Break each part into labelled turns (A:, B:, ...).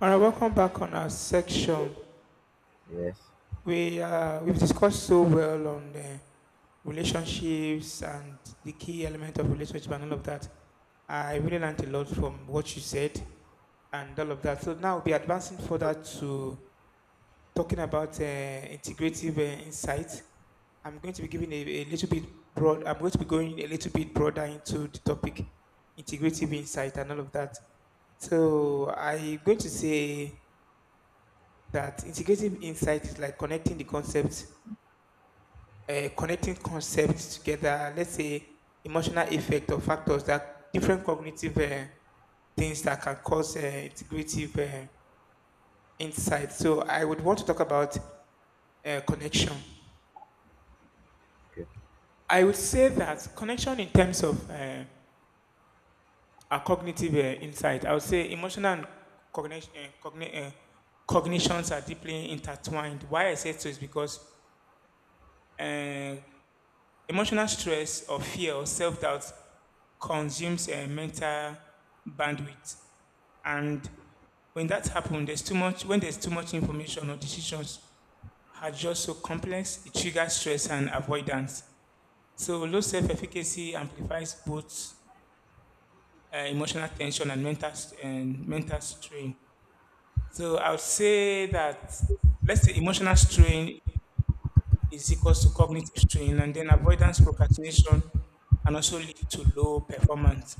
A: All right, welcome back on our section.
B: Yes.
A: We've discussed so well on the relationships and the key element of relationship and all of that. I really learned a lot from what you said and all of that. So now we'll be advancing further to talking about integrative insight. I'm going to be giving a little bit broad. I'm going to be going a little bit broader into the topic, integrative insight and all of that. So I'm going to say that integrative insight is like connecting the concepts, connecting concepts together. Let's say emotional effect or factors that different cognitive things that can cause integrative insight. So I would want to talk about connection.
B: Okay.
A: I would say that connection in terms of our cognitive insight. I would say emotional and cognition, uh, cogni- uh, cognitions are deeply intertwined. Why I say so is because. Uh, Emotional stress or fear or self doubt consumes mental bandwidth. And when that happens, when there's too much information or decisions are just so complex, it triggers stress and avoidance. So low self-efficacy amplifies both emotional tension and mental strain. So I would say that, let's say, emotional strain is equals to cognitive strain, and then avoidance, procrastination, and also lead to low performance.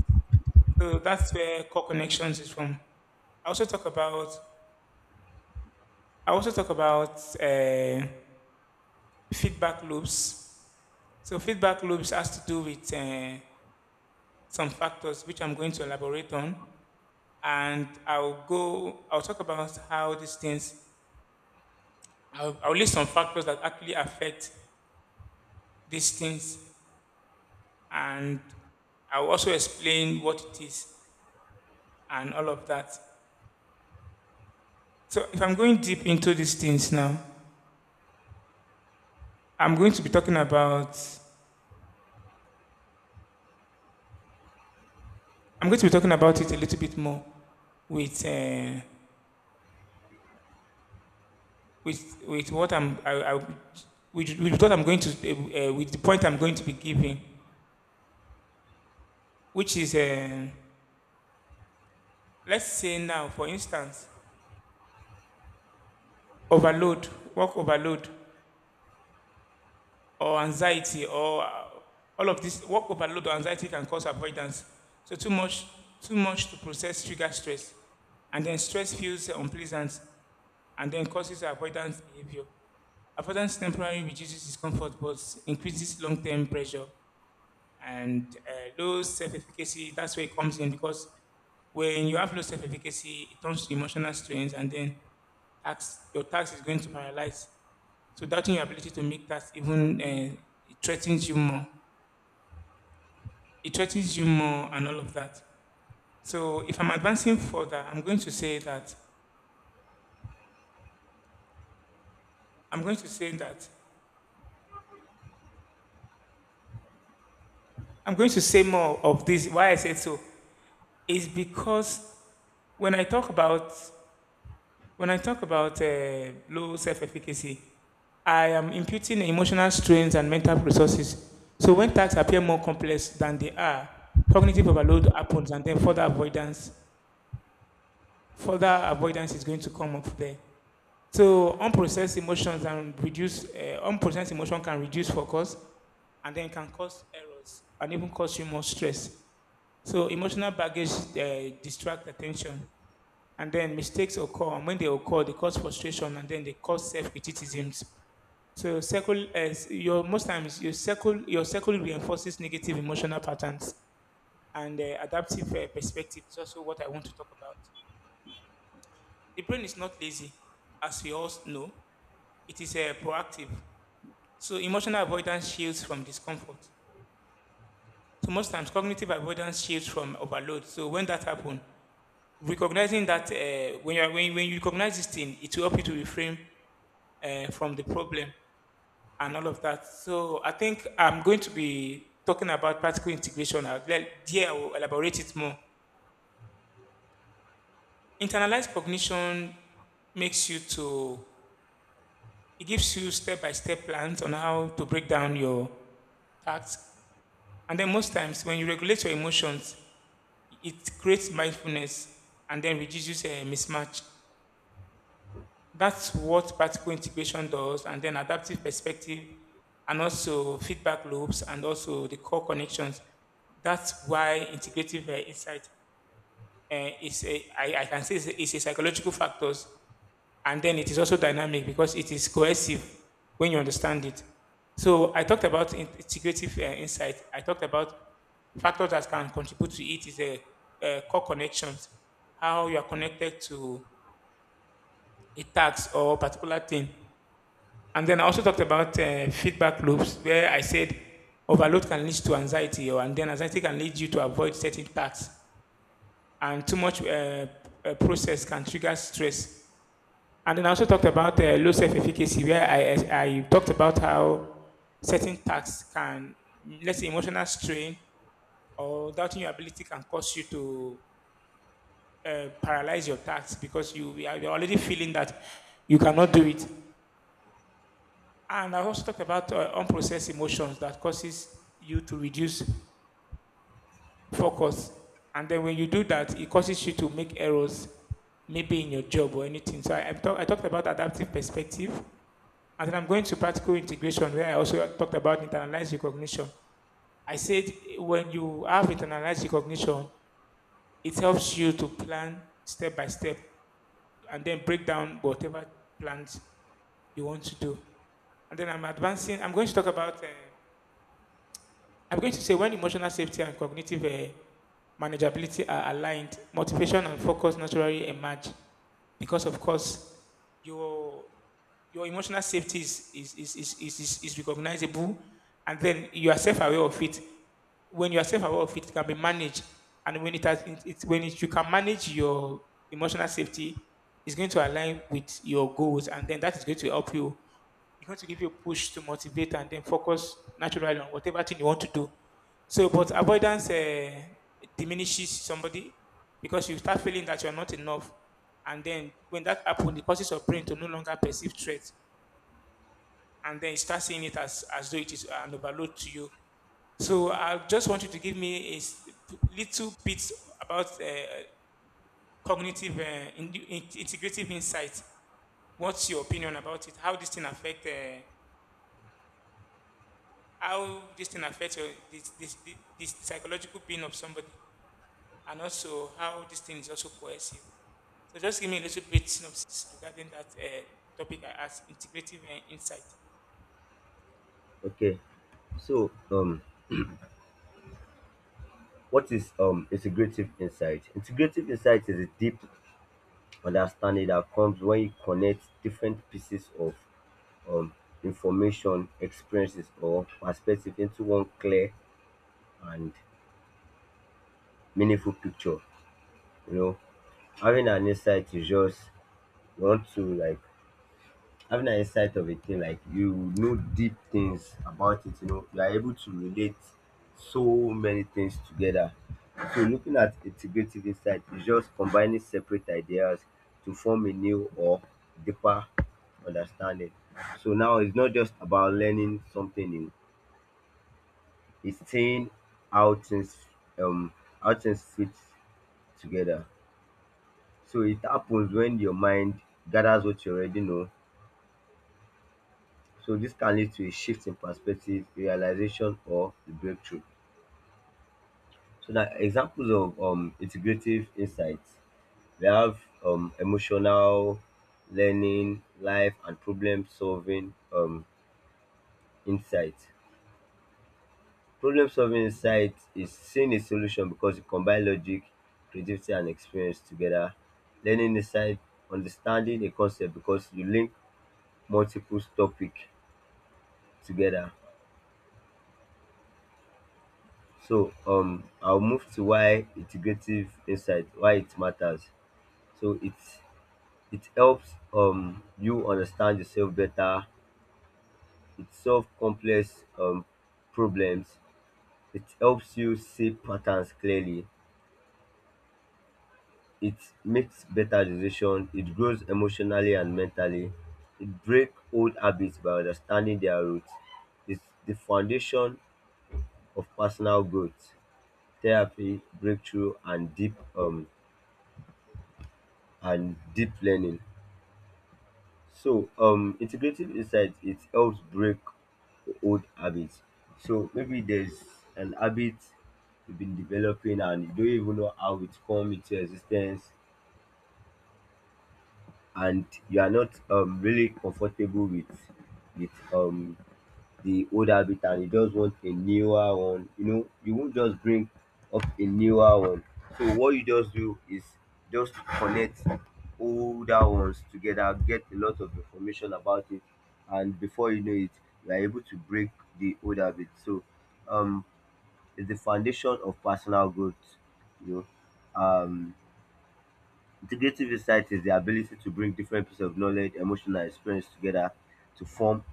A: So that's where core connections is from. I also talk about I also talk about feedback loops. So feedback loops has to do with some factors which I'm going to elaborate on, and I'll go. I'll talk about how these things. I'll list some factors that actually affect these things, and I'll also explain what it is, and all of that. So if I'm going deep into these things now, I'm going to be talking about I'm going to be talking about it a little bit more with uh, with what I'm I, with what I'm going to with the point I'm going to be giving, which is let's say now, for instance, overload work overload or anxiety or all of this work overload or anxiety can cause avoidance. So too much to process triggers stress, and then stress feels unpleasant, and then causes avoidance behavior. Avoidance temporarily reduces discomfort but increases long-term pressure and low self-efficacy. That's where it comes in, because when you have low self-efficacy, it turns to emotional strains, and then your tax is going to paralyze. So doubting your ability to make that even it threatens you more. It threatens you more and all of that. So if I'm advancing further, I'm going to say that I'm going to say more of this. Why I said so is because when I talk about when I talk about low self-efficacy, I am imputing emotional strains and mental resources. So when tasks appear more complex than they are, cognitive overload happens, and then further avoidance is going to come up there. So unprocessed emotion can reduce focus, and then can cause errors and even cause you more stress. So emotional baggage distract attention, and then mistakes occur. And when they occur, they cause frustration, and then they cause self-criticisms. So circle your most times your circle reinforces negative emotional patterns, and adaptive perspective is also what I want to talk about. The brain is not lazy, as we all know. It is proactive. So emotional avoidance shields from discomfort. So most times, cognitive avoidance shields from overload. So when that happens, recognizing that, when you recognize this thing, it will help you to refrain from the problem and all of that. So I think I'm going to be talking about practical integration. I will elaborate it more. Internalized cognition makes you to It gives you step by step plans on how to break down your tasks. And then, most times, when you regulate your emotions, it creates mindfulness and then reduces a mismatch. That's what practical integration does, and then adaptive perspective, and also feedback loops, and also the core connections. That's why integrative insight I can say it's it's a psychological factors. And then it is also dynamic because it is cohesive when you understand it. So I talked about integrative insight. I talked about factors that can contribute to it is core connections, how you are connected to a task or a particular thing. And then I also talked about feedback loops, where I said overload can lead to anxiety, or and then anxiety can lead you to avoid certain tasks, and too much process can trigger stress. And then I also talked about low self-efficacy, where I talked about how certain tasks can, let's say, emotional strain or doubting your ability can cause you to paralyze your tasks, because you're already feeling that you cannot do it. And I also talked about unprocessed emotions that causes you to reduce focus. And then when you do that, it causes you to make errors, maybe in your job or anything. So I talked about adaptive perspective, and then I'm going to practical integration, where I also talked about internalized recognition. I said when you have internalized recognition, it helps you to plan step by step and then break down whatever plans you want to do. And then I'm advancing, I'm going to talk about I'm going to say when emotional safety and cognitive manageability are aligned, motivation and focus naturally emerge, because, of course, your your emotional safety is is recognizable, and then you are self-aware of it. When you are self-aware of it, it can be managed, and when it has it, it- when it, you can manage your emotional safety, it's going to align with your goals, and then that is going to help you it's going to give you a push to motivate and then focus naturally on whatever thing you want to do. So, but avoidance diminishes somebody, because you start feeling that you are not enough. And then when that happens, it causes your brain to no longer perceive threat. And then you start seeing it as though it is an overload to you. So I just want you to give me a little bit about cognitive integrative insight. What's your opinion about it? How this thing affect how this thing affects your, this psychological being of somebody, and also how this thing is also coercive. So just give me a little bit synopsis regarding that topic I asked, integrative insight.
B: Okay. So, um, what is integrative insight? Integrative insight is a deep understanding that comes when you connect different pieces of um information, experiences, or perspective into one clear and meaningful picture. You know, having an insight is just you want to having an insight of a thing, like, you know, deep things about it. You know, you are able to relate so many things together. So looking at integrative insight is just combining separate ideas to form a new or deeper understanding. So now it's not just about learning something new, it's seeing how things, um how things fit together. So it happens when your mind gathers what you already know. So this can lead to a shift in perspective, realization, or the breakthrough. So that examples of integrative insights, we have emotional, learning, life, and problem solving insights. Problem solving insight is seeing a solution because it combines logic, creativity, and experience together. Learning insight, understanding a concept because you link multiple topics together. So I'll move to why integrative insight, why it matters. So it helps, you understand yourself better. It solves complex problems. It helps you see patterns clearly. It makes better decisions. It grows emotionally and mentally. It breaks old habits by understanding their roots. It's the foundation of personal growth, therapy, breakthrough, and deep learning. So integrative insight, it helps break old habits. So maybe there's an habit you've been developing and you don't even know how it come into existence, and you are not really comfortable with with um the old habit, and you just want a newer one. You know, you won't just bring up a newer one. So what you just do is just connect older ones together, get a lot of information about it, and before you know it, you are able to break the old habit. So um it's the foundation of personal growth, you know. Integrative insight is the ability to bring different pieces of knowledge, emotion, and experience together to form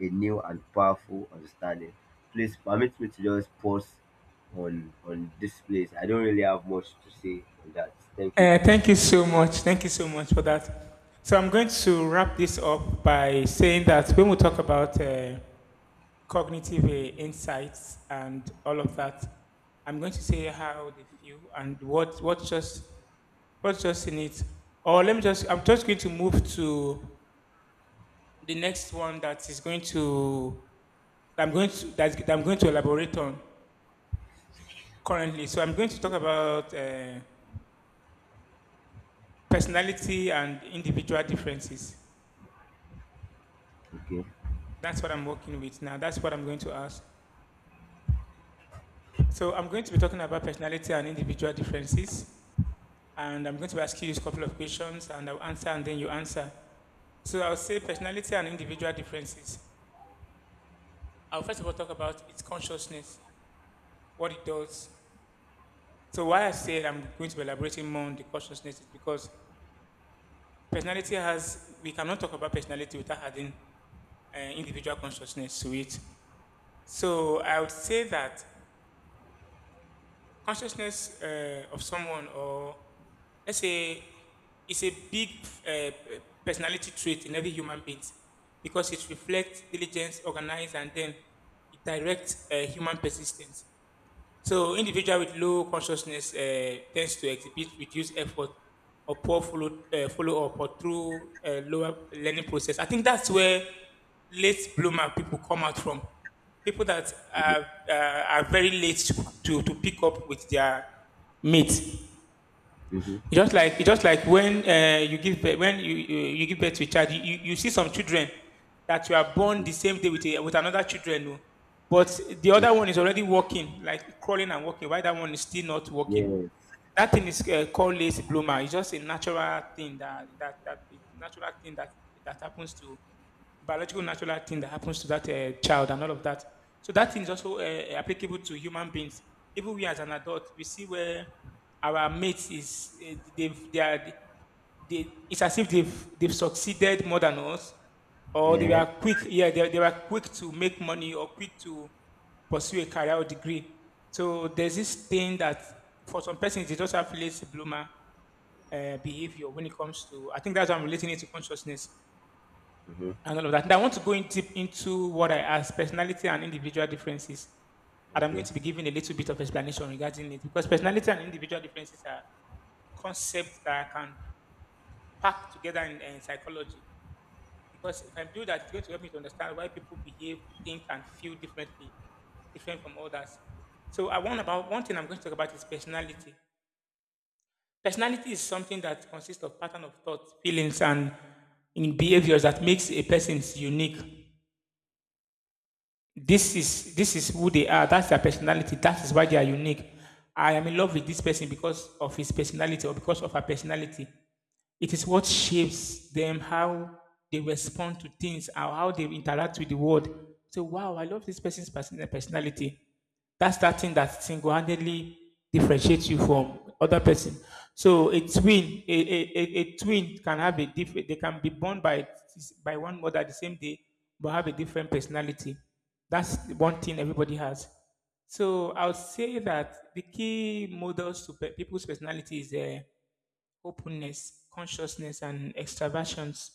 B: a new and powerful understanding. Please permit me to just pause on this place. I don't really have much to say on that. Thank you.
A: Thank you so much. Thank you so much for that. So I'm going to wrap this up by saying that when we talk about cognitive insights and all of that, I'm going to say how they feel and what's just in it? Or let me just, I'm just going to move to the next one that is going to, I'm going to elaborate on currently. So I'm going to talk about personality and individual differences.
B: Okay.
A: That's what I'm working with now. That's what I'm going to ask. So I'm going to be talking about personality and individual differences. And I'm going to ask you a couple of questions, and I'll answer and then you answer. So I'll say personality and individual differences. I'll first of all talk about its consciousness, what it does. So why I said I'm going to be elaborating more on the consciousness is because personality has, we cannot talk about personality without adding individual consciousness to it. So I would say that consciousness of someone, or let's say, is a big personality trait in every human being, because it reflects diligence, organize, and then it directs human persistence. So individual with low consciousness tends to exhibit reduced effort or follow-up or through lower learning process. I think that's where late bloomer people come out from. People that
B: Mm-hmm.
A: are very late to pick up with their mate.
B: Mm-hmm.
A: It's just like when you give birth, when you give birth to a child, you see some children that you are born the same day with with another children, oh. But the other
B: Mm-hmm.
A: one is already walking, like crawling and walking, while that one is still not walking.
B: Yes.
A: That thing is called late bloomer. It's just a natural thing that a natural thing that happens to biological natural thing that happens to that child and all of that. So that thing is also applicable to human beings. Even we as an adult, we see where our mates is they've they are they, it's as if they've succeeded more than us, or they
B: Yeah.
A: were quick. Yeah, they were quick to make money or quick to pursue a career or degree. So there's this thing that for some persons it also have to bloomer behavior when it comes to I think that's why I'm relating it to consciousness
B: Mm-hmm.
A: and all of that. And I want to go in deep into what I asked, personality and individual differences. And I'm
B: Okay.
A: going to be giving a little bit of explanation regarding it because personality and individual differences are concepts that I can pack together in psychology. Because if I do that, it's going to help me to understand why people behave, think, and feel differently, different from others. So I want about one thing I'm going to talk about is personality. Personality is something that consists of pattern of thought, feelings, and in behaviors that makes a person unique. This is who they are. That's their personality. That is why they are unique. I am in love with this person because of his personality or because of her personality. It is what shapes them how they respond to things, how they interact with the world. So, wow, I love this person's personality. That's that thing that single-handedly differentiates you from other person. So, a twin, a twin can have a different. They can be born by one mother the same day, but have a different personality. That's the one thing everybody has. So I would say that the key models to people's personality is openness, consciousness, and extraversions,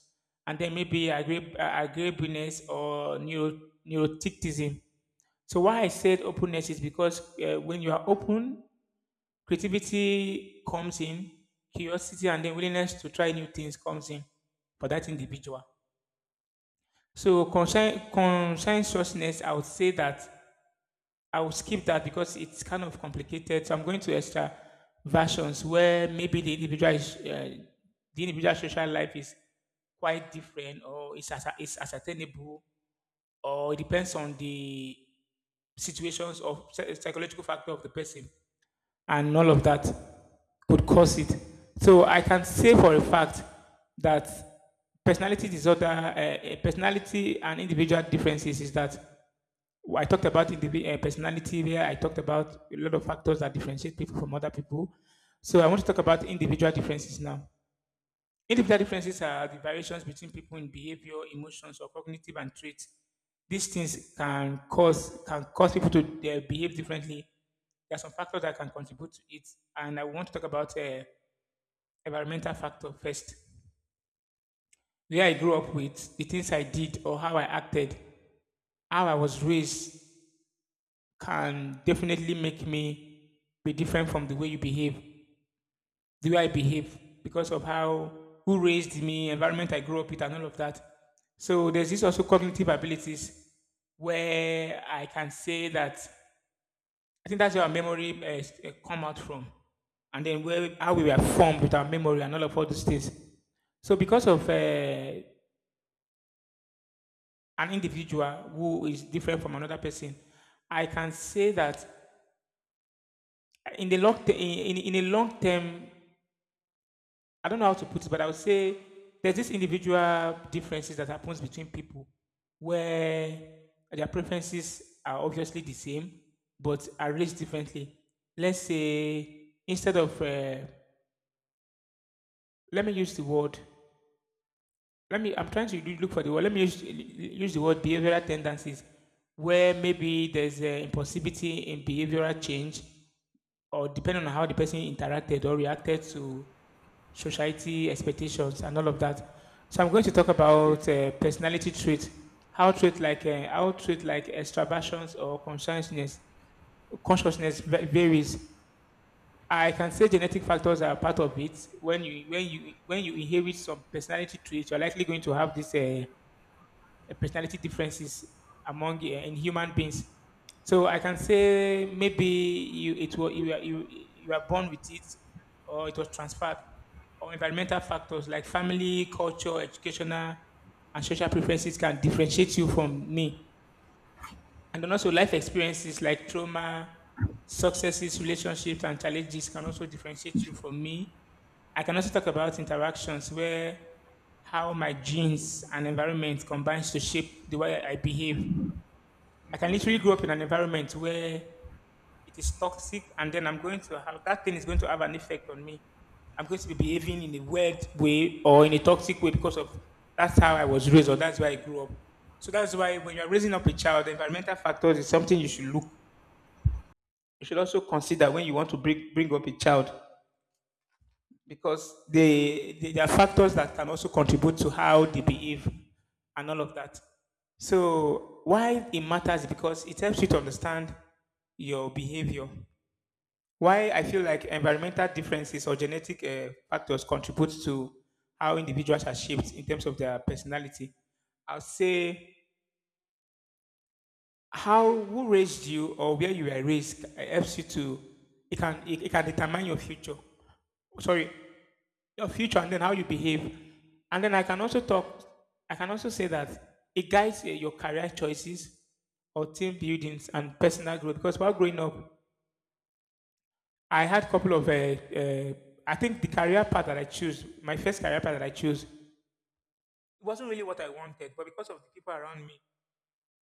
A: and then maybe agreeableness or neuroticism. So why I said openness is because when you are open, creativity comes in, curiosity, and then willingness to try new things comes in for that individual. So conscientiousness, I would say that I will skip that because it's kind of complicated. So I'm going to extra versions where maybe the individual is, the individual social life is quite different or it's as is ascertainable or it depends on the situations of psychological factor of the person and all of that could cause it. So I can say for a fact that personality disorder, personality and individual differences is that I talked about individual personality there. I talked about a lot of factors that differentiate people from other people. So I want to talk about individual differences now. Individual differences are the variations between people in behavior, emotions, or cognitive and traits. These things can cause people to behave differently. There are some factors that can contribute to it, and I want to talk about environmental factor first. Where I grew up with, the things I did or how I acted, how I was raised, can definitely make me be different from the way you behave, the way I behave, because of how who raised me, environment I grew up with, and all of that. So there's this also cognitive abilities where I can say that I think that's where our memory come out from, and then where how we were formed with our memory and all of all these things. So because of an individual who is different from another person, I can say that in the long in a long term I don't know how to put it, but I would say there's this individual differences that happens between people where their preferences are obviously the same, but are raised differently. Let's say instead of let me use the word let me I'm trying to look for the word. Let me use the word behavioral tendencies where maybe there's an impossibility in behavioral change or depending on how the person interacted or reacted to society expectations, and all of that. So I'm going to talk
B: Okay.
A: about personality traits, how traits like how trait like extraversions or consciousness varies. I can say genetic factors are part of it. When you inherit some personality traits, you're likely going to have this. Personality differences among in human beings. So I can say maybe you it were you are you you are born with it, or it was transferred, or environmental factors like family, culture, educational, and social preferences can differentiate you from me. And then also life experiences like trauma, successes, relationships, and challenges can also differentiate you from me. I can also talk about interactions where how my genes and environment combines to shape the way I behave. I can
B: Mm-hmm.
A: literally grow up in an environment where it is toxic, and then I'm going to have that thing is going to have an effect on me. I'm going to be behaving in a weird way or in a toxic way because of that's how I was raised or that's why I grew up. So that's why when you're raising up a child the environmental factors is something you should look you should also consider when you want to bring up a child because they there are factors that can also contribute to how they behave and all of that. So why it matters is because it helps you to understand your behavior. Why I feel like environmental differences or genetic factors contribute to how individuals are shaped in terms of their personality. I'll say how who raised you or where you were raised helps you to it it can determine your future. Sorry, your future and then how you behave. And then I can also talk. I can also say that it guides your career choices or team buildings and personal growth. Because while growing up, I had a couple of, I think the career path that I chose, my first career path that I chose, it wasn't really what I wanted, but because of the people around me,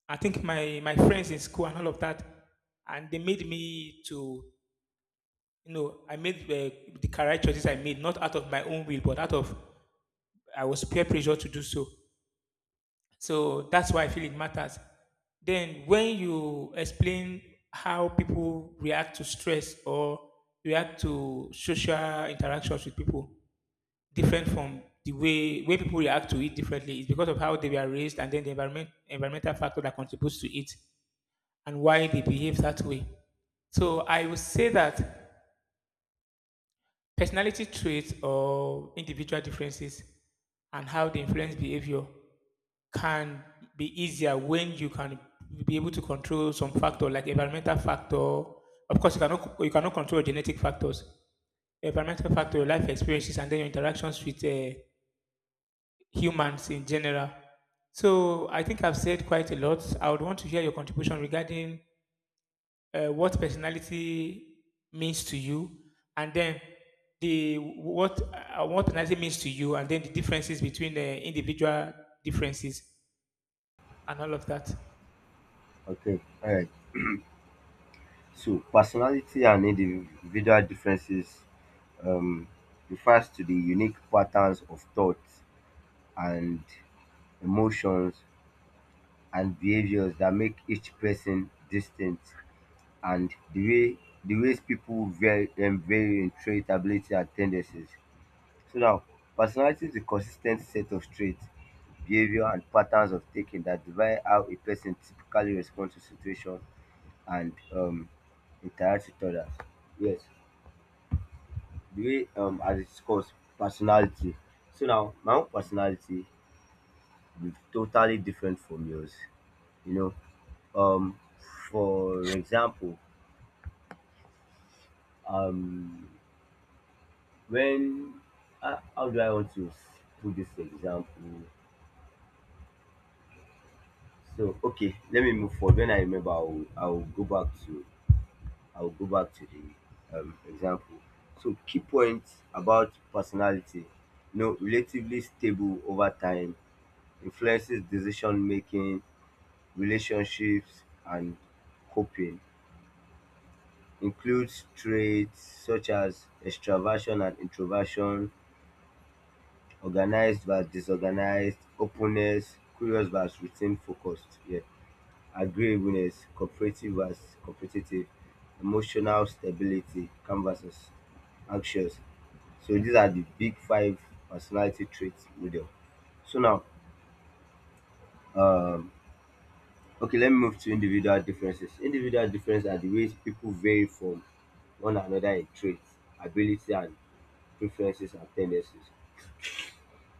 A: I think my friends in school and all of that, and they made me to, you know, I made the career choices I made, not out of my own will, but out of, I was peer pressure to do so. So that's why I feel it matters. Then when you explain how people react to stress or react to social interactions with people, different from the way people react to it differently is because of how they were raised and then the environmental factor that contributes to it and why they behave that way. So I would say that personality traits or individual differences and how they influence behavior can be easier when you can be able to control some factor like environmental factor. Of course, you cannot control genetic factors, environmental factor, your life experiences, and then your interactions with humans in general. So I think I've said quite a lot. I would want to hear your contribution regarding what personality means to you, and then the what personality means to you, and then the differences between the individual differences and all of that.
B: Okay. All right. So personality and individual differences, um, refers to the unique patterns of thought and emotions, and behaviors that make each person distinct, and the ways people vary, vary in trait, ability, and tendencies. So now, personality is a consistent set of traits, behavior, and patterns of thinking that divide how a person typically responds to situations and interacts with others. Yes, the way, I discussed personality. So now, my own personality will be totally different from yours. You know, um for example, um when how do I want to s- put this example. So okay, let me move forward. When I remember, I'll go back to, I'll go back to the, example. So key points about personality, you know, relatively stable over time, influences decision making, relationships, and coping, includes traits such as extraversion and introversion, organized versus disorganized, openness, curious versus routine focused, yeah, agreeableness, cooperative versus competitive, emotional stability, calm versus anxious. So these are the big five personality traits model. So now, um, okay, let me move to individual differences. Individual differences are the ways people vary from one another in traits, ability, and preferences and tendencies.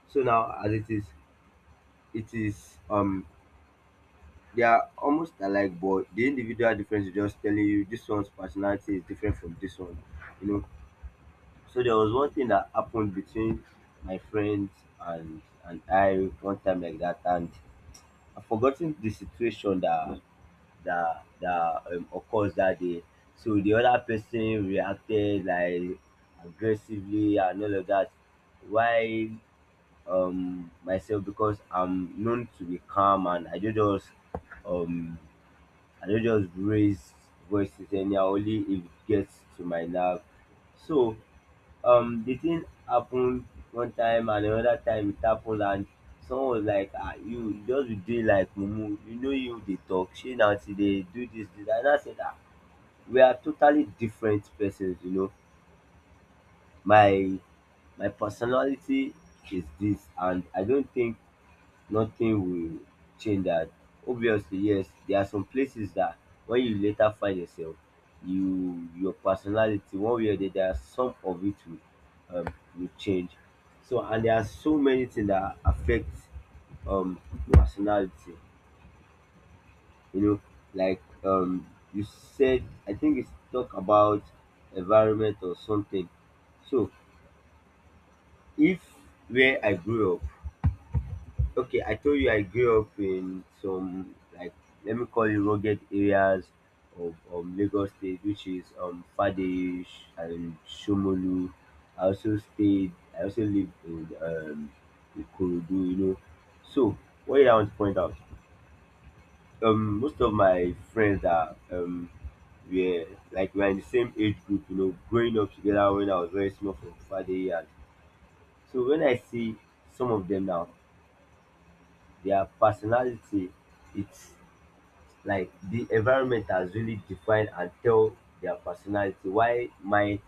B: So now, as it is, it is um they are almost alike, but the individual difference is just telling you this one's personality is different from this one, you know. So there was one thing that happened between my friends and I one time like that, and I've forgotten the situation that occurs that day. So the other person reacted like aggressively and all of that, while myself, because I'm known to be calm and I do just, um I don't just raise voices anyhow, only if it gets to my nerve. So the thing happened one time, and another time it happened, and someone was like, ah, you just be doing like mumu, you know, you dey talk shey na until dey do this this, and I said, ah, we are totally different persons. You know, my my personality is this, and I don't think nothing will change that. Obviously, yes, there are some places that when you later find yourself, you your personality one way or the other, there are some of it will, will change. So and there are so many things that affect um personality. You know, like, you said, I think it's talk about environment or something. So if where I grew up. Okay, I told you I grew up in some, like, let me call it rugged areas of, Lagos State, which is Fadeish and Shomolu. I also stayed. I also lived in Ikorodu, you know. So what did I want to point out? Most of my friends are, were, like, we're in the same age group, you know, growing up together when I was very small from Fadeish. And- So when I see some of them now, their personality, it's like the environment has really defined and tell their personality. Why mine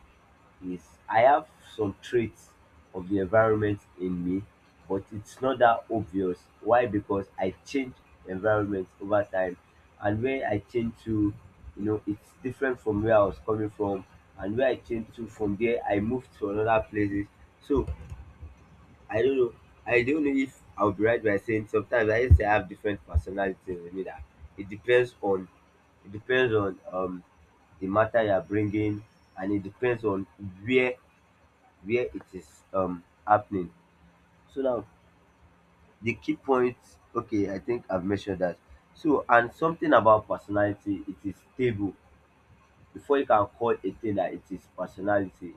B: is, I have some traits of the environment in me, but it's not that obvious. Why? Because I change environment over time, and where I change to, you know, it's different from where I was coming from, and where I change to from there, I moved to another places. So I don't know. I don't know if I'll be right by saying sometimes I just say I have different personalities with me, that it depends on, it depends on um the matter you're bringing, and it depends on where where it is happening. So now the key points, okay, I think I've mentioned that. So and something about personality, it is stable. Before you can call a thing that it is personality,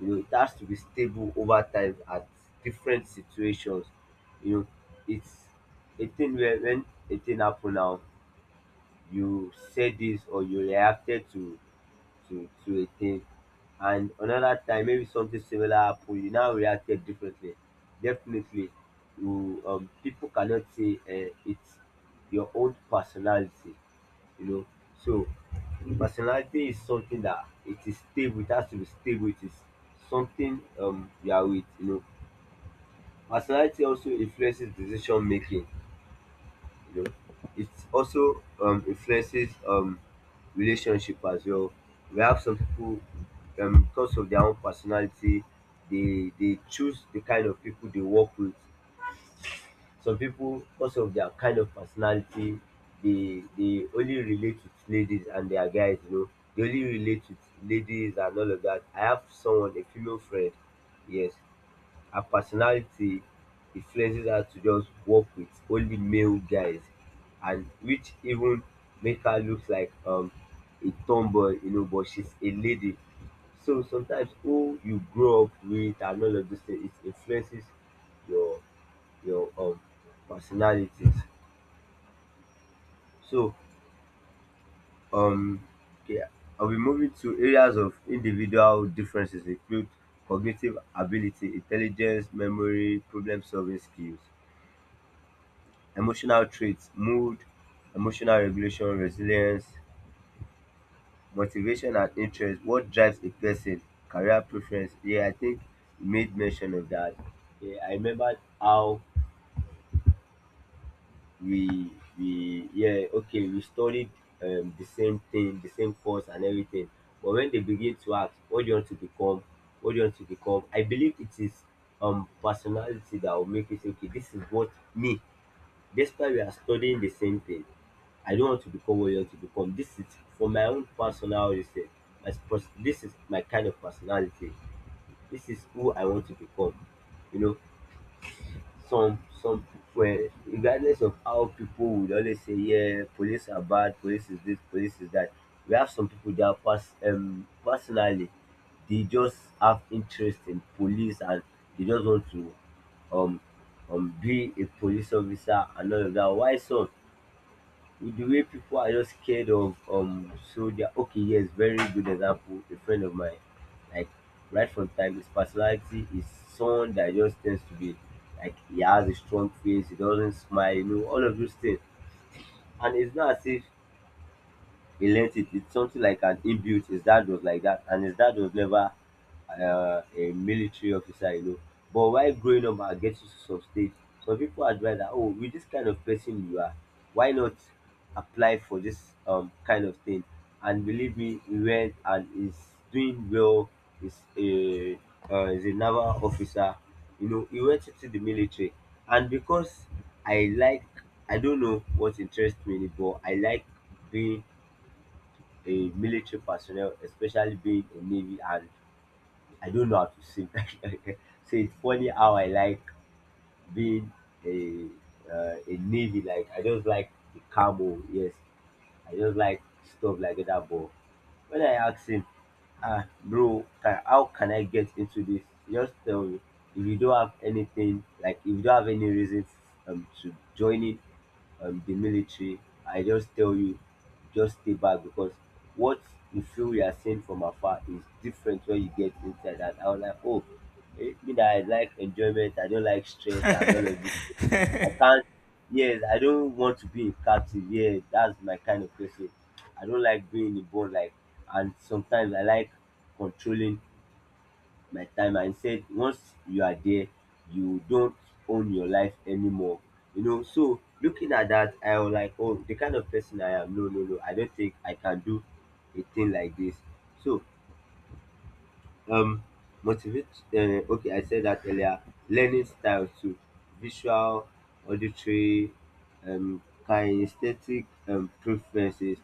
B: you know, it has to be stable over time at different situations. You know, it's a thing where when a thing happen now, you said this or you reacted to a thing, and another time maybe something similar happen, you now reacted differently. Definitely, you people cannot say it's your own personality, you know. So personality is something that it is stable, it has to be stable, it is something, you are with, you know. Personality also influences decision making, you know. It also influences relationship as well. We have some people, because of their own personality, they choose the kind of people they work with. Some people, because of their kind of personality, they only relate with ladies and their guys, you know. They only relate with ladies and all of that. I have someone, a female friend, yes. Her personality influences her to just work with only male guys, and which even make her look like a tomboy, you know, but she's a lady. So sometimes who you grow up with and all of this thing, it influences your your personalities. So um okay, I'll be moving to areas of individual differences include cognitive ability, intelligence, memory, problem solving skills, emotional traits, mood, emotional regulation, resilience, motivation and interest, what drives a person, career preference. Yeah, I think you made mention of that. Yeah, I remembered how we we yeah okay, we studied, the same thing, the same course and everything. But when they begin to ask what do you want to become, I believe it is personality that will make you say, okay, this is what me, despite we are studying the same thing, I don't want to become what you want to become. This is for my own personal reason. This is my kind of personality, this is who I want to become, you know. Some Well, regardless of how people would always say, yeah, police are bad, police is this, police is that, we have some people that pass, personally, they just have interest in police, and they just want to um be a police officer and all of that. Why some, with the way people are just scared of soldier. Okay, yes, very good example. A friend of mine, like, right from time, his personality is someone that just tends to be like he has a strong face, he doesn't smile, you know, all of those things. And it's not as if he learnt it. It's something like an inbuilt. His dad was like that, and his dad was never a military officer, you know. But while growing up and getting to some stage, some people advise that, oh, with this kind of person you are, why not apply for this kind of thing? And believe me, he went and is doing well. Is a is a naval officer, you know. He went into the military, and because I like, I don't know what interests me, but I like being a military personnel, especially being in Navy, and I don't know how to swim. So it's funny how I like being a a Navy. Like I just like the camo. Yes, I just like stuff like that. But when I asked him, ah, bro, can, how can I get into this? Just tell me, if you don't have anything, like if you don't have any reason to joining the military, I just tell you, just stay back because what you feel you are seeing from afar is different when you get inside. And I was like, oh, eh, me that I like enjoyment, I don't like stress and all of this. I can't, yes, I don't want to be in captive. Yeah, that's my kind of person. I don't like being in a bond like, and sometimes I like controlling my time and said once you are there you don't own your life anymore. You know, so looking at that I was like, oh, the kind of person I am, no no no, I don't think I can do a thing like this. So um motivate okay, I said that earlier, learning style too, visual, auditory, kinesthetic preferences.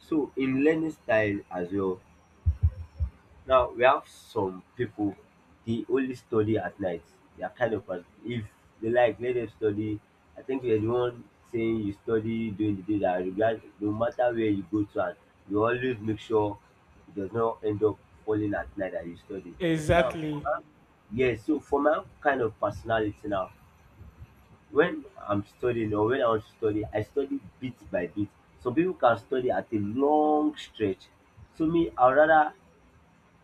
B: So in learning style as well, now we have some people they only study at night. They are kind of person. If they like, let them study. I think there's one saying you study during the day that regard, no matter where you go to, and you always make sure it does not end up falling at night that you study. Now for
A: Exactly.
B: my- yes, so for my kind of personality now, when I'm studying or when I want to study, I study bit by bit. Some people can study at a long stretch. So me, I'd rather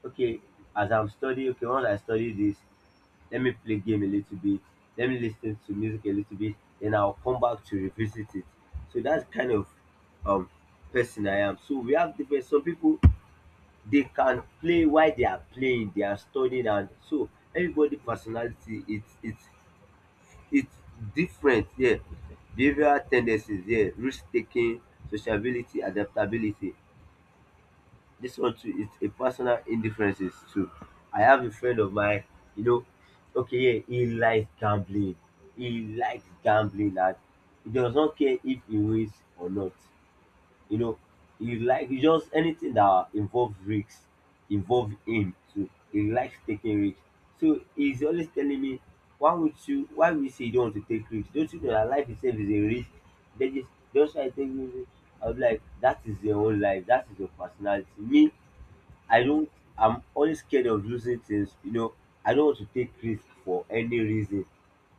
B: okay, as I'm studying, okay, once I study this, let me play game a little bit, let me listen to music a little bit, then I'll come back to revisit it. So that's kind of um person I am. So we have different, some people, they can play while they are playing they are studying, and so everybody personality, it's it's different. Yeah, behavioral tendencies. Yeah, risk taking, sociability, adaptability, this one too is a personal indifferences too. I have a friend of mine, you know, okay, yeah, he likes gambling. He likes gambling and he does not care if he wins or not. You know, he like he just anything that involves risks, involve him too. He likes taking risks. So he's always telling me, why would you say you don't want to take risks? Don't you know that life itself is a risk? Then just try to take risks. I was like, that is your own life, that is your personality. Me, I don't. I'm always scared of losing things. You know, I don't want to take risk for any reason.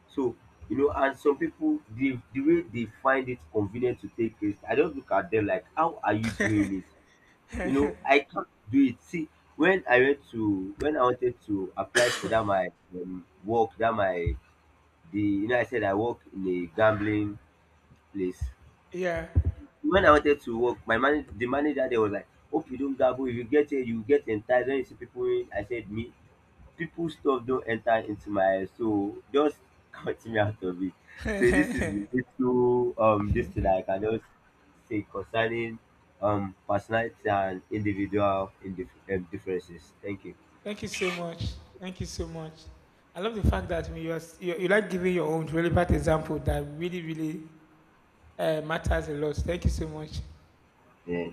B: So, you know, and some people, the way they find it convenient to take risk, I don't, look at them like, how are you doing it? You know, I can't do it. See, when I wanted to apply for that my work, that my the, you know, I said I work in a gambling place.
A: Yeah.
B: When I wanted to work, my manager, the manager, they was like, "Hope you don't gamble. If you get here, you get enticed." When you see people, in, I said, "Me, people stuff don't enter into my head, so just cut me out of it." So this is the little this thing that I can just say concerning personality and individual differences. Thank you.
A: Thank you so much. Thank you so much. I love the fact that when you like giving your own relevant example that really, really matters a lot. Thank you so much.
B: Yeah.